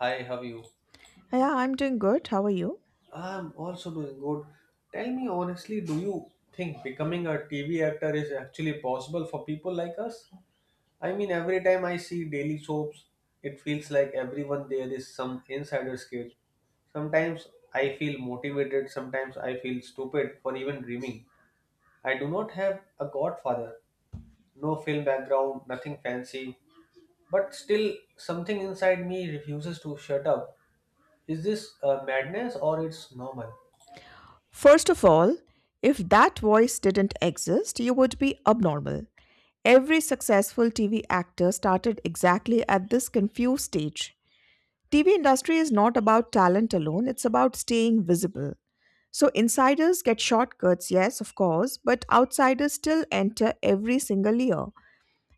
Hi, how are you? Yeah, I'm doing good. How are you? I'm also doing good. Tell me honestly, do you think becoming a TV actor is actually possible for people like us? I mean, every time I see daily soaps, it feels like everyone there is some insider kid. Sometimes I feel motivated, sometimes I feel stupid for even dreaming. I do not have a godfather, no film background, nothing fancy, but still something inside me refuses to shut up. Is this madness or it's normal? First of all, if that voice didn't exist, you would be abnormal. Every successful TV actor started exactly at this confused stage. TV industry is not about talent alone, it's about staying visible. So insiders get shortcuts, yes, of course, but outsiders still enter every single year.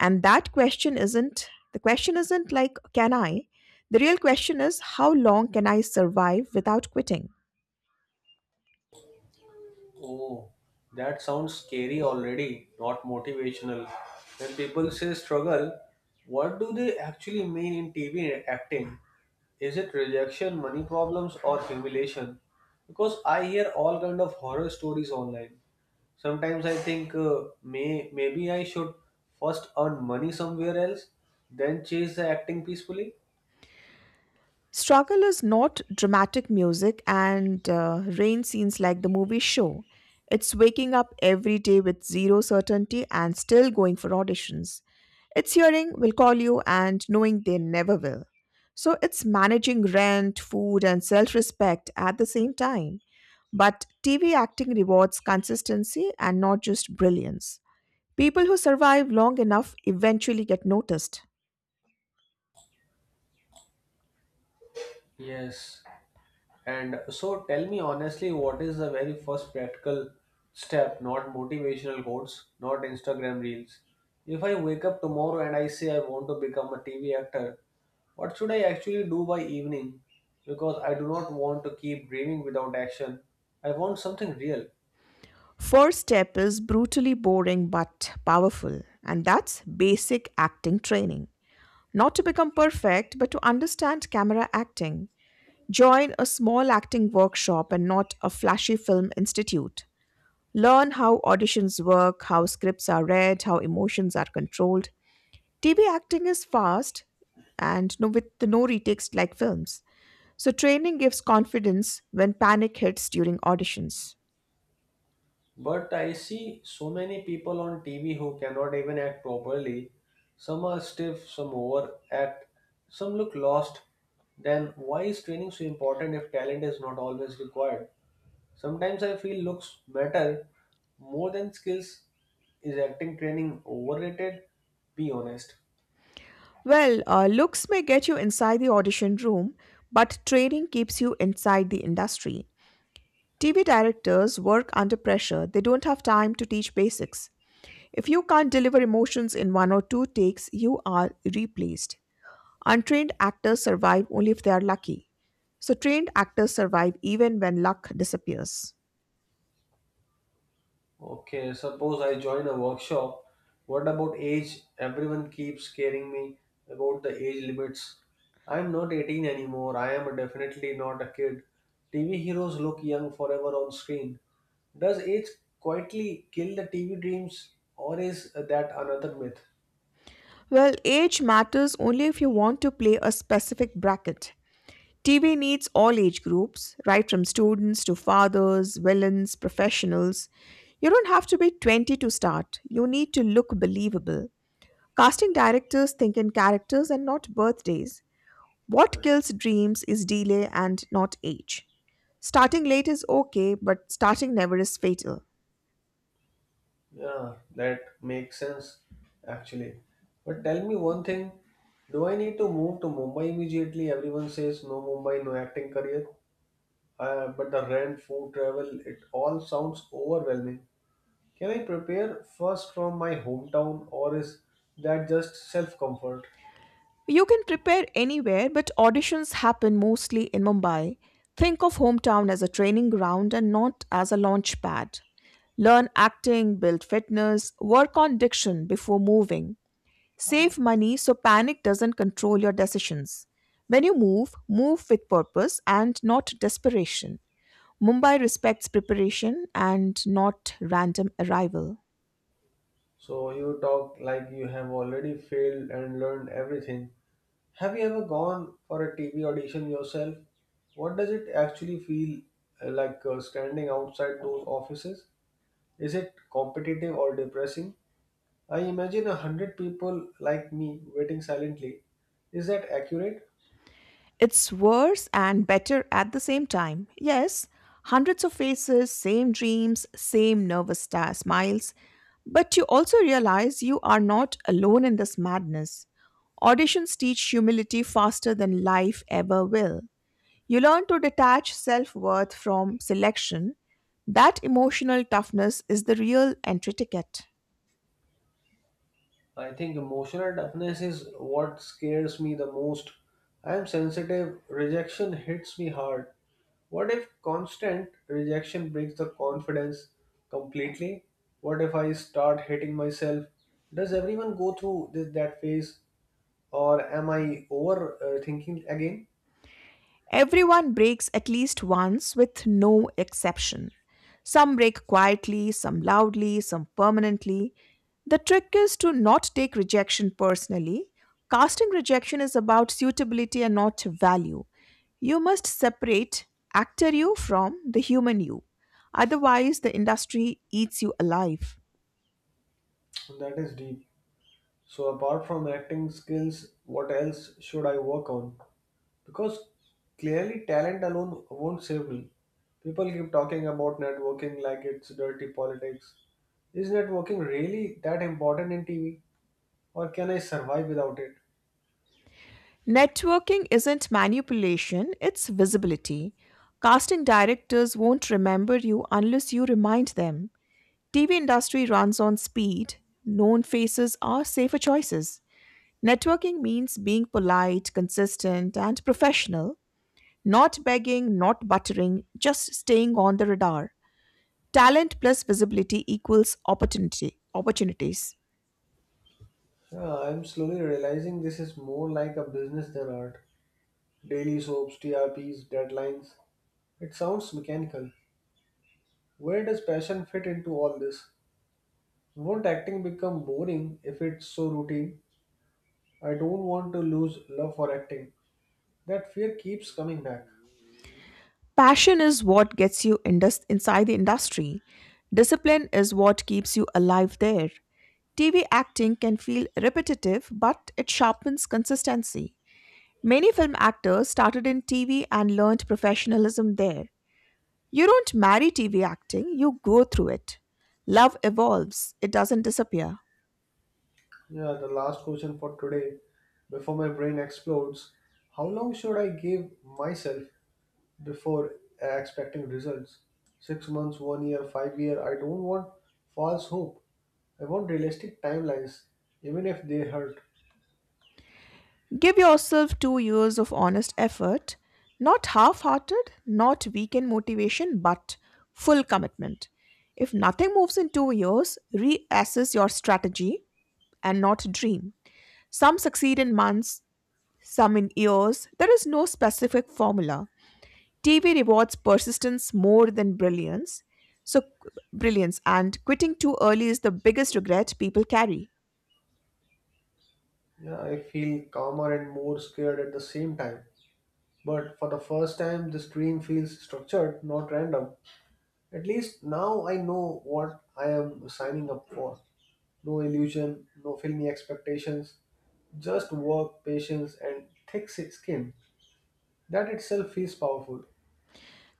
And that question isn't the question isn't like, can I? The real question is, how long can I survive without quitting? Oh, that sounds scary already, not motivational. When people say struggle, what do they actually mean in TV acting? Is it rejection, money problems, or humiliation? Because I hear all kind of horror stories online. Sometimes I think maybe I should first earn money somewhere else, then chase the acting peacefully. Struggle is not dramatic music and rain scenes like the movie show. It's waking up every day with zero certainty and still going for auditions. It's hearing will call you and knowing they never will. So it's managing rent, food, and self respect at the same time. But TV acting rewards consistency and not just brilliance. People who survive long enough eventually get noticed. Yes, and so tell me honestly, what is the very first practical step? Not motivational quotes, not Instagram reels. If I wake up tomorrow and I say I want to become a TV actor, what should I actually do by evening? Because I do not want to keep dreaming without action. I want something real. First step is brutally boring but powerful, and that's basic acting training. Not to become perfect, but to understand camera acting. Join a small acting workshop and not a flashy film institute. Learn how auditions work, how scripts are read, how emotions are controlled. TV acting is fast and no, with no retakes like films. So, training gives confidence when panic hits during auditions. But I see so many people on TV who cannot even act properly. Some are stiff, some overact, some look lost. Then why is training so important if talent is not always required? Sometimes I feel looks matter more than skills. Is acting training overrated? Be honest. Looks may get you inside the audition room, but training keeps you inside the industry. TV directors work under pressure, they don't have time to teach basics. If you can't deliver emotions in one or two takes, you are replaced. Untrained actors survive only if they are lucky. So, trained actors survive even when luck disappears. Okay, suppose I join a workshop. What about age? Everyone keeps scaring me about the age limits. I'm not 18 anymore. I am definitely not a kid. TV heroes look young forever on screen. Does age quietly kill the TV dreams, or is that another myth? Well, age matters only if you want to play a specific bracket. TV needs all age groups, right from students to fathers, villains, professionals. You don't have to be 20 to start. You need to look believable. Casting directors think in characters and not birthdays. What kills dreams is delay and not age. Starting late is okay, but starting never is fatal. Yeah, that makes sense actually. But tell me one thing, do I need to move to Mumbai immediately? Everyone says no Mumbai, no acting career. But the rent, food, travel, it all sounds overwhelming. Can I prepare first from my hometown or is that just self comfort? You can prepare anywhere, but auditions happen mostly in Mumbai. Think of hometown as a training ground and not as a launch pad. Learn acting, build fitness, work on diction before moving. Save money so panic doesn't control your decisions. When you move, move with purpose and not desperation. Mumbai respects preparation and not random arrival. So you talk like you have already failed and learned everything. Have you ever gone for a TV audition yourself? What does it actually feel like standing outside those offices? Is it competitive or depressing? I imagine a hundred people like me waiting silently. Is that accurate? It's worse and better at the same time. Yes, hundreds of faces, same dreams, same nervous star smiles, but you also realize you are not alone in this madness. Auditions teach humility faster than life ever will. You learn to detach self worth from selection. That emotional toughness is the real entry ticket. I think emotional toughness is what scares me the most. I am sensitive, rejection hits me hard. What if constant rejection breaks the confidence completely? What if I start hating myself? Does everyone go through this that phase or am I overthinking again? Everyone breaks at least once with no exception. Some break quietly, some loudly, some permanently. The trick is to not take rejection personally. Casting rejection is about suitability and not value. You must separate actor you from the human you. Otherwise, the industry eats you alive. That is deep. So apart from acting skills, what else should I work on? Because clearly talent alone won't save me. People keep talking about networking like it's dirty politics. Is networking really that important in TV? Or can I survive without it? Networking isn't manipulation, it's visibility. Casting directors won't remember you unless you remind them. TV industry runs on speed. Known faces are safer choices. Networking means being polite, consistent, and professional, not begging, not buttering, just staying on the radar. Talent plus visibility equals opportunity opportunities. Yeah, I'm slowly realizing this is more like a business than art. Daily soaps, TRPs, deadlines. It sounds mechanical. Where does passion fit into all this? Won't acting become boring if it's so routine? I don't want to lose love for acting. That fear keeps coming back. Passion is what gets you inside the industry. Discipline is what keeps you alive there. TV acting can feel repetitive, but it sharpens consistency. Many film actors started in TV and learned professionalism there. You don't marry TV acting, you grow through it. Love evolves, it doesn't disappear. Yeah, the last question for today before my brain explodes. How long should I give myself before expecting results? 6 months, 1 year, 5 year. I don't want false hope. I want realistic timelines, even if they hurt. Give yourself 2 years of honest effort, not half hearted, not weekend motivation, but full commitment. If nothing moves in 2 years, reassess your strategy and not dream. Some succeed in months, some in years. There is no specific formula. TV rewards persistence more than brilliance. So brilliance and quitting too early is the biggest regret people carry. Yeah, I feel calmer and more scared at the same time. But for the first time, this dream feels structured, not random. At least now I know what I am signing up for. No illusion, no filmy expectations, just work, patience, and thick skin. That itself is powerful.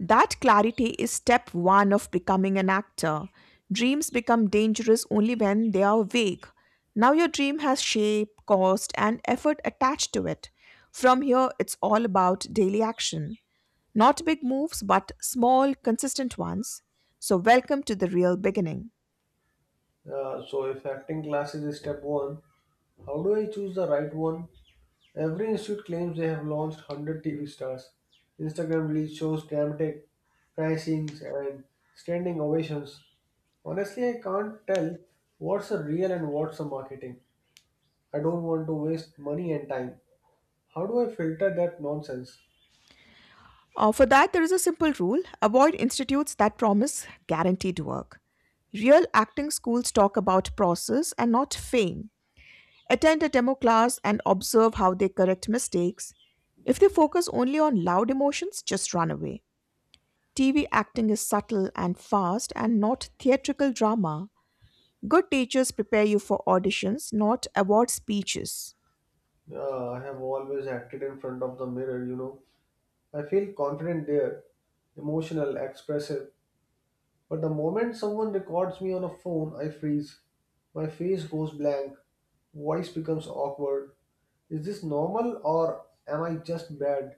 That clarity is step 1 of becoming an actor. Dreams become dangerous only when they are vague. Now your dream has shape, cost and effort attached to it. From here it's all about daily action. Not big moves but small consistent ones. So welcome to the real beginning. So, if acting classes is step one, how do I choose the right one? Every institute claims they have launched 100 TV stars. Instagram reels shows dramatic pricings and standing ovations. Honestly, I can't tell what's a real and what's a marketing. I don't want to waste money and time. How do I filter that nonsense? For that, there is a simple rule avoid institutes that promise guaranteed work. Real acting schools talk about process and not fame. Attend a demo class and observe how they correct mistakes. If they focus only on loud emotions, just run away. TV acting is subtle and fast and not theatrical drama. Good teachers prepare you for auditions, not award speeches. Yeah, I have always acted in front of the mirror, you know. I feel confident there, emotional, expressive. But the moment someone records me on a phone, I freeze. My face goes blank, voice becomes awkward. Is this normal or am I just bad?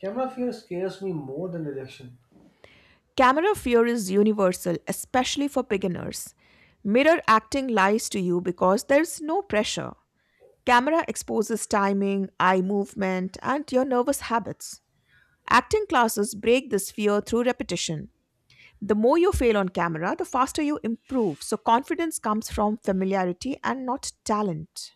Camera fear scares me more than rejection. Camera fear is universal, especially for beginners. Mirror acting lies to you because there's no pressure. Camera exposes timing, eye movement, and your nervous habits. Acting classes break this fear through repetition. The more you fail on camera, the faster you improve. So, confidence comes from familiarity and not talent.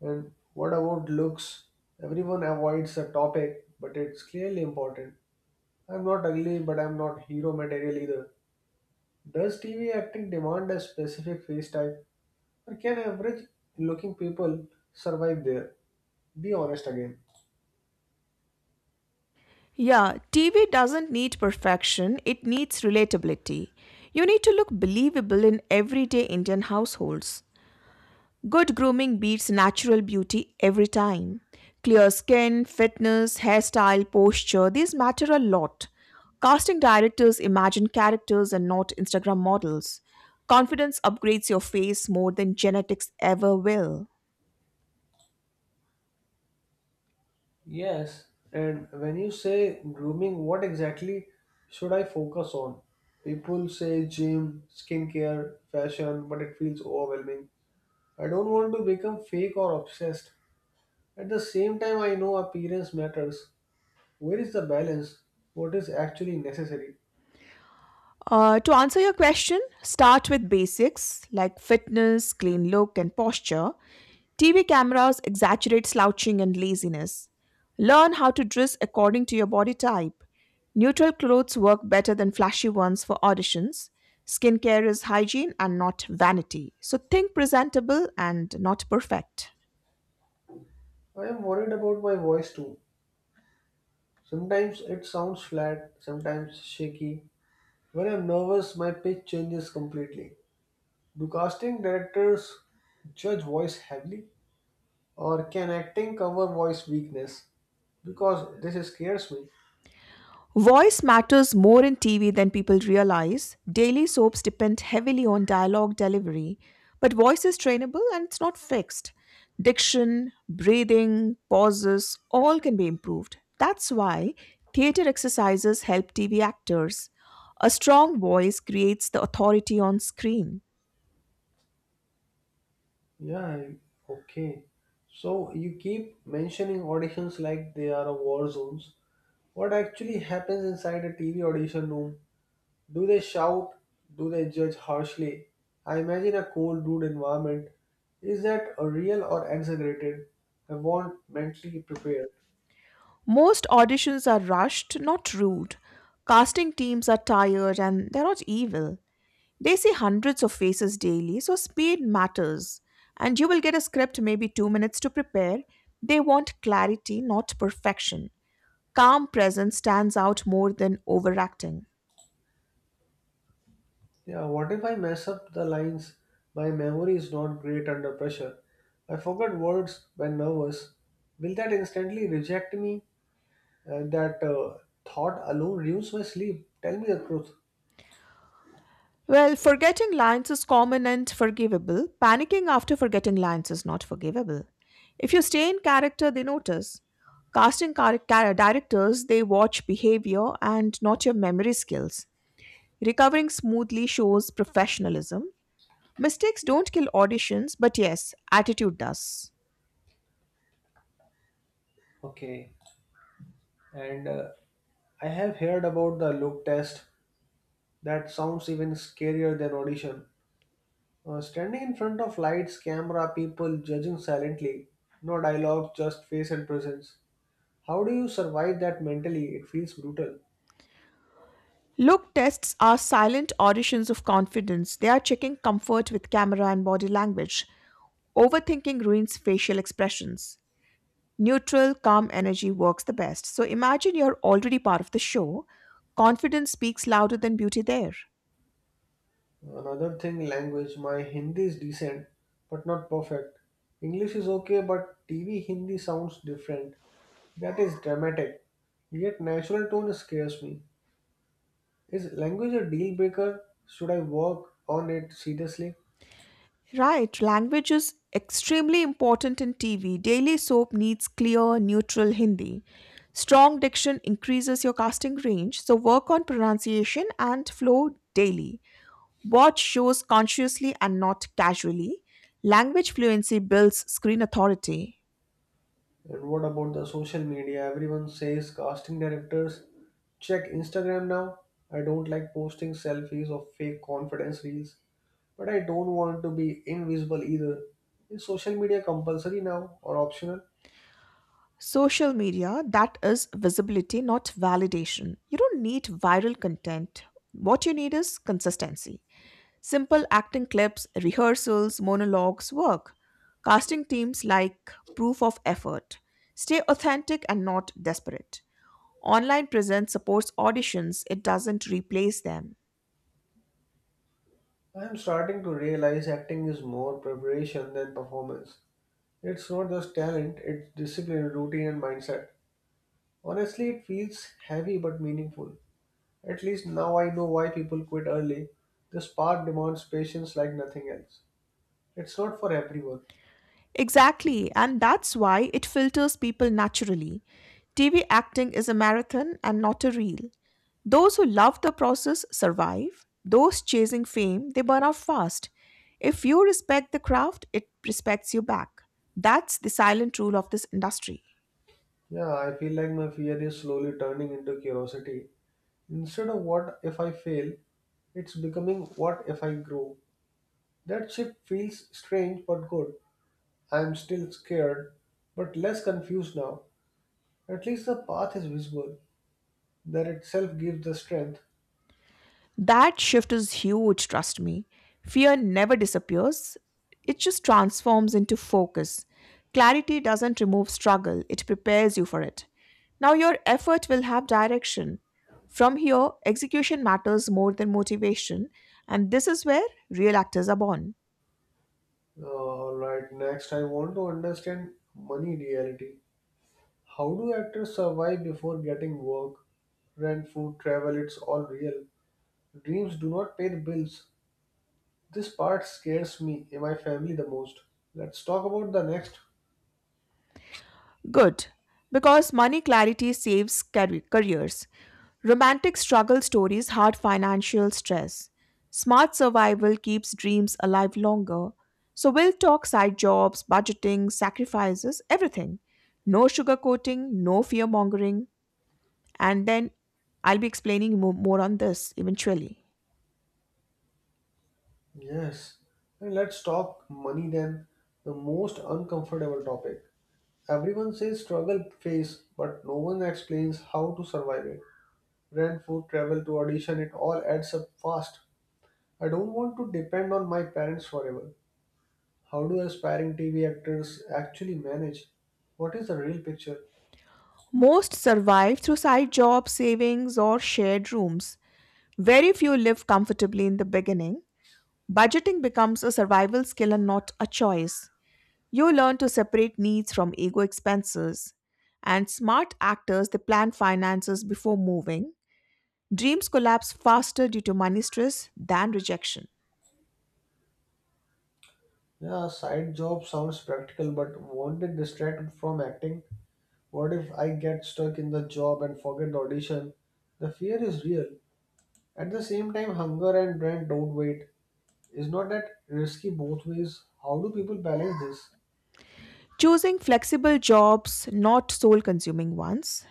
And what about looks? Everyone avoids the topic, but it's clearly important. I'm not ugly, but I'm not hero material either. Does TV acting demand a specific face type, or can average looking people survive there? Be honest again. Yeah, TV doesn't need perfection, it needs relatability. You need to look believable in everyday Indian households. Good grooming beats natural beauty every time. Clear skin, fitness, hairstyle, posture, these matter a lot. Casting directors imagine characters and not Instagram models. Confidence upgrades your face more than genetics ever will. Yes, and when you say grooming, what exactly should I focus on? People say gym, skincare, fashion, but it feels overwhelming. I don't want to become fake or obsessed. At the same time, I know appearance matters. Where is the balance? What is actually necessary? To answer your question, start with basics like fitness, clean look, and posture. TV cameras exaggerate slouching and laziness. Learn how to dress according to your body type. Neutral clothes work better than flashy ones for auditions. Skincare is hygiene and not vanity. So think presentable and not perfect. I am worried about my voice too. Sometimes it sounds flat, sometimes shaky. When I'm nervous, my pitch changes completely. Do casting directors judge voice heavily, or can acting cover voice weakness? Because this scares me. Voice matters more in TV than people realize. Daily soaps depend heavily on dialogue delivery, but voice is trainable and it's not fixed. Diction, breathing, pauses, all can be improved. That's why theater exercises help TV actors. A strong voice creates the authority on screen. Yeah, okay. So you keep mentioning auditions like they are a war zones. What actually happens inside a TV audition room? Do they shout? Do they judge harshly? I imagine a cold, rude environment. Is that a real or exaggerated? I want mentally prepared. Most auditions are rushed, not rude. Casting teams are tired and they're not evil. They see hundreds of faces daily, so speed matters. And you will get a script maybe 2 minutes to prepare. They want clarity, not perfection. Calm presence stands out more than overacting. Yeah, what if I mess up the lines? My memory is not great under pressure. I forget words when nervous. Will that instantly reject me? That thought alone ruins my sleep. Tell me the truth. Well, forgetting lines is common and forgivable. Panicking after forgetting lines is not forgivable. If you stay in character, they notice. Casting directors, they watch behavior and not your memory skills. Recovering smoothly shows professionalism. Mistakes don't kill auditions, but yes, attitude does. Okay. And I have heard about the look test. That sounds even scarier than audition. Standing in front of lights, camera, people judging silently. No dialogue, just face and presence. How do you survive that mentally? It feels brutal. Look tests are silent auditions of confidence. They are checking comfort with camera and body language. Overthinking ruins facial expressions. Neutral, calm energy works the best. So imagine you're already part of the show. Confidence speaks louder than beauty there. Another thing, language. My Hindi is decent, but not perfect. English is okay, but TV Hindi sounds different. That is dramatic. Yet natural tone scares me. Is language a deal breaker? Should I work on it seriously? Right, language is extremely important in TV. Daily soap needs clear, neutral Hindi. Strong diction increases your casting range, so work on pronunciation and flow daily. Watch shows consciously and not casually. Language fluency builds screen authority. And what about the social media? Everyone says casting directors check Instagram now. I don't like posting selfies of fake confidence reels, but I don't want to be invisible either. Is social media compulsory now or optional? Social media, that is visibility, not validation. You don't need viral content. What you need is consistency. Simple acting clips, rehearsals, monologues work. Casting teams like proof of effort. Stay authentic and not desperate. Online presence supports auditions, it doesn't replace them. I am starting to realize acting is more preparation than performance. It's not just talent, it's discipline, routine, and mindset. Honestly, it feels heavy but meaningful. At least now I know why people quit early. This part demands patience like nothing else. It's not for everyone. Exactly, and that's why it filters people naturally. TV acting is a marathon and not a reel. Those who love the process survive. Those chasing fame, they burn out fast. If you respect the craft, it respects you back. That's the silent rule of this industry. Yeah, I feel like my fear is slowly turning into curiosity. Instead of what if I fail, it's becoming what if I grow. That shift feels strange but good. I'm still scared, but less confused now. At least the path is visible. That itself gives the strength. That shift is huge, trust me. Fear never disappears, it just transforms into focus. Clarity doesn't remove struggle, it prepares you for it. Now your effort will have direction. From here, execution matters more than motivation, and this is where real actors are born. Alright, next I want to understand money reality. How do actors survive before getting work? Rent, food, travel, it's all real. Dreams do not pay the bills. This part scares me and my family the most. Let's talk about the next. Good, because money clarity saves careers. Romantic struggle stories hide financial stress. Smart survival keeps dreams alive longer. So we'll talk side jobs, budgeting, sacrifices, everything. No sugarcoating, no fear mongering. And then I'll be explaining more on this eventually. Yes. And let's talk money then, the most uncomfortable topic. Everyone says struggle phase, but no one explains how to survive it. Rent, food, travel to audition, it all adds up fast. I don't want to depend on my parents forever. How do aspiring TV actors actually manage? What is the real picture? Most survive through side jobs, savings, or shared rooms. Very few live comfortably in the beginning. Budgeting becomes a survival skill and not a choice. You learn to separate needs from ego expenses. And smart actors, they plan finances before moving. Dreams collapse faster due to money stress than rejection. Yeah, side job sounds practical, but won't it distract from acting? What if I get stuck in the job and forget the audition? The fear is real. At the same time, hunger and rent don't wait. Is not that risky both ways? How do people balance this? Choosing flexible jobs, not soul consuming ones,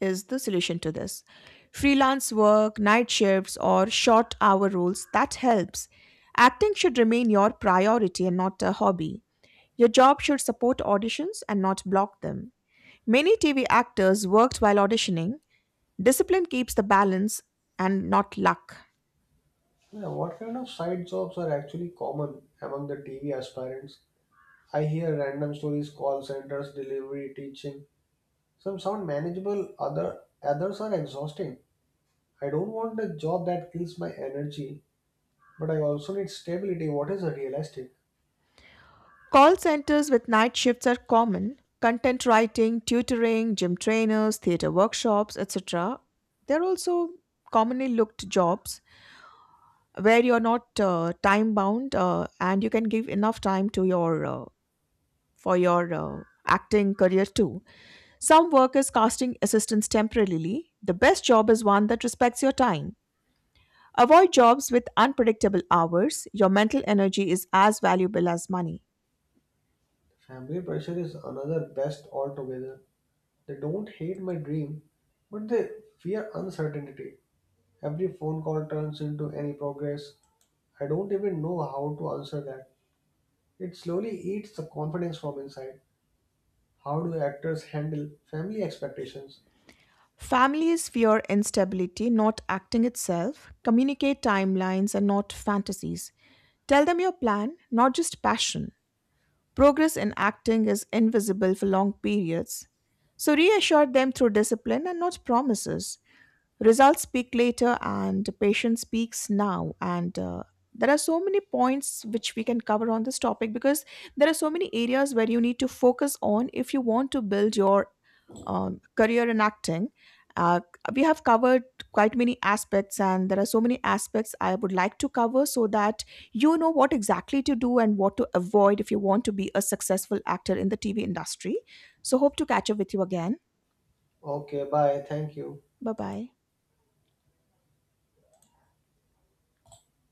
is the solution to this. Freelance work, night shifts, or short hour roles, that helps. Acting should remain your priority and not a hobby. Your job should support auditions and not block them. Many TV actors worked while auditioning, discipline keeps the balance and not luck. Yeah, what kind of side jobs are actually common among the TV aspirants? I hear random stories, call centers, delivery, teaching. Some sound manageable, others are exhausting. I don't want a job that kills my energy, but I also need stability. What is realistic? Call centers with night shifts are common. Content writing, tutoring, gym trainers, theater workshops, etc. They're also commonly looked jobs where you're not time bound and you can give enough time to your for your acting career too. Some work is casting assistants temporarily. The best job is one that respects your time. Avoid jobs with unpredictable hours. Your mental energy is as valuable as money. Family pressure is another best altogether. They don't hate my dream, but they fear uncertainty. Every phone call turns into any progress. I don't even know how to answer that. It slowly eats the confidence from inside. How do actors handle family expectations? Families fear instability, not acting itself. Communicate timelines and not fantasies. Tell them your plan, not just passion. Progress in acting is invisible for long periods. So reassure them through discipline and not promises. Results speak later, and patience speaks now. And there are so many points which we can cover on this topic because there are so many areas where you need to focus on if you want to build your career in acting. Uh, we have covered quite many aspects, and there are so many aspects I would like to cover so that you know what exactly to do and what to avoid if you want to be a successful actor in the TV industry. So, hope to catch up with you again. Okay, bye, thank you. Bye bye.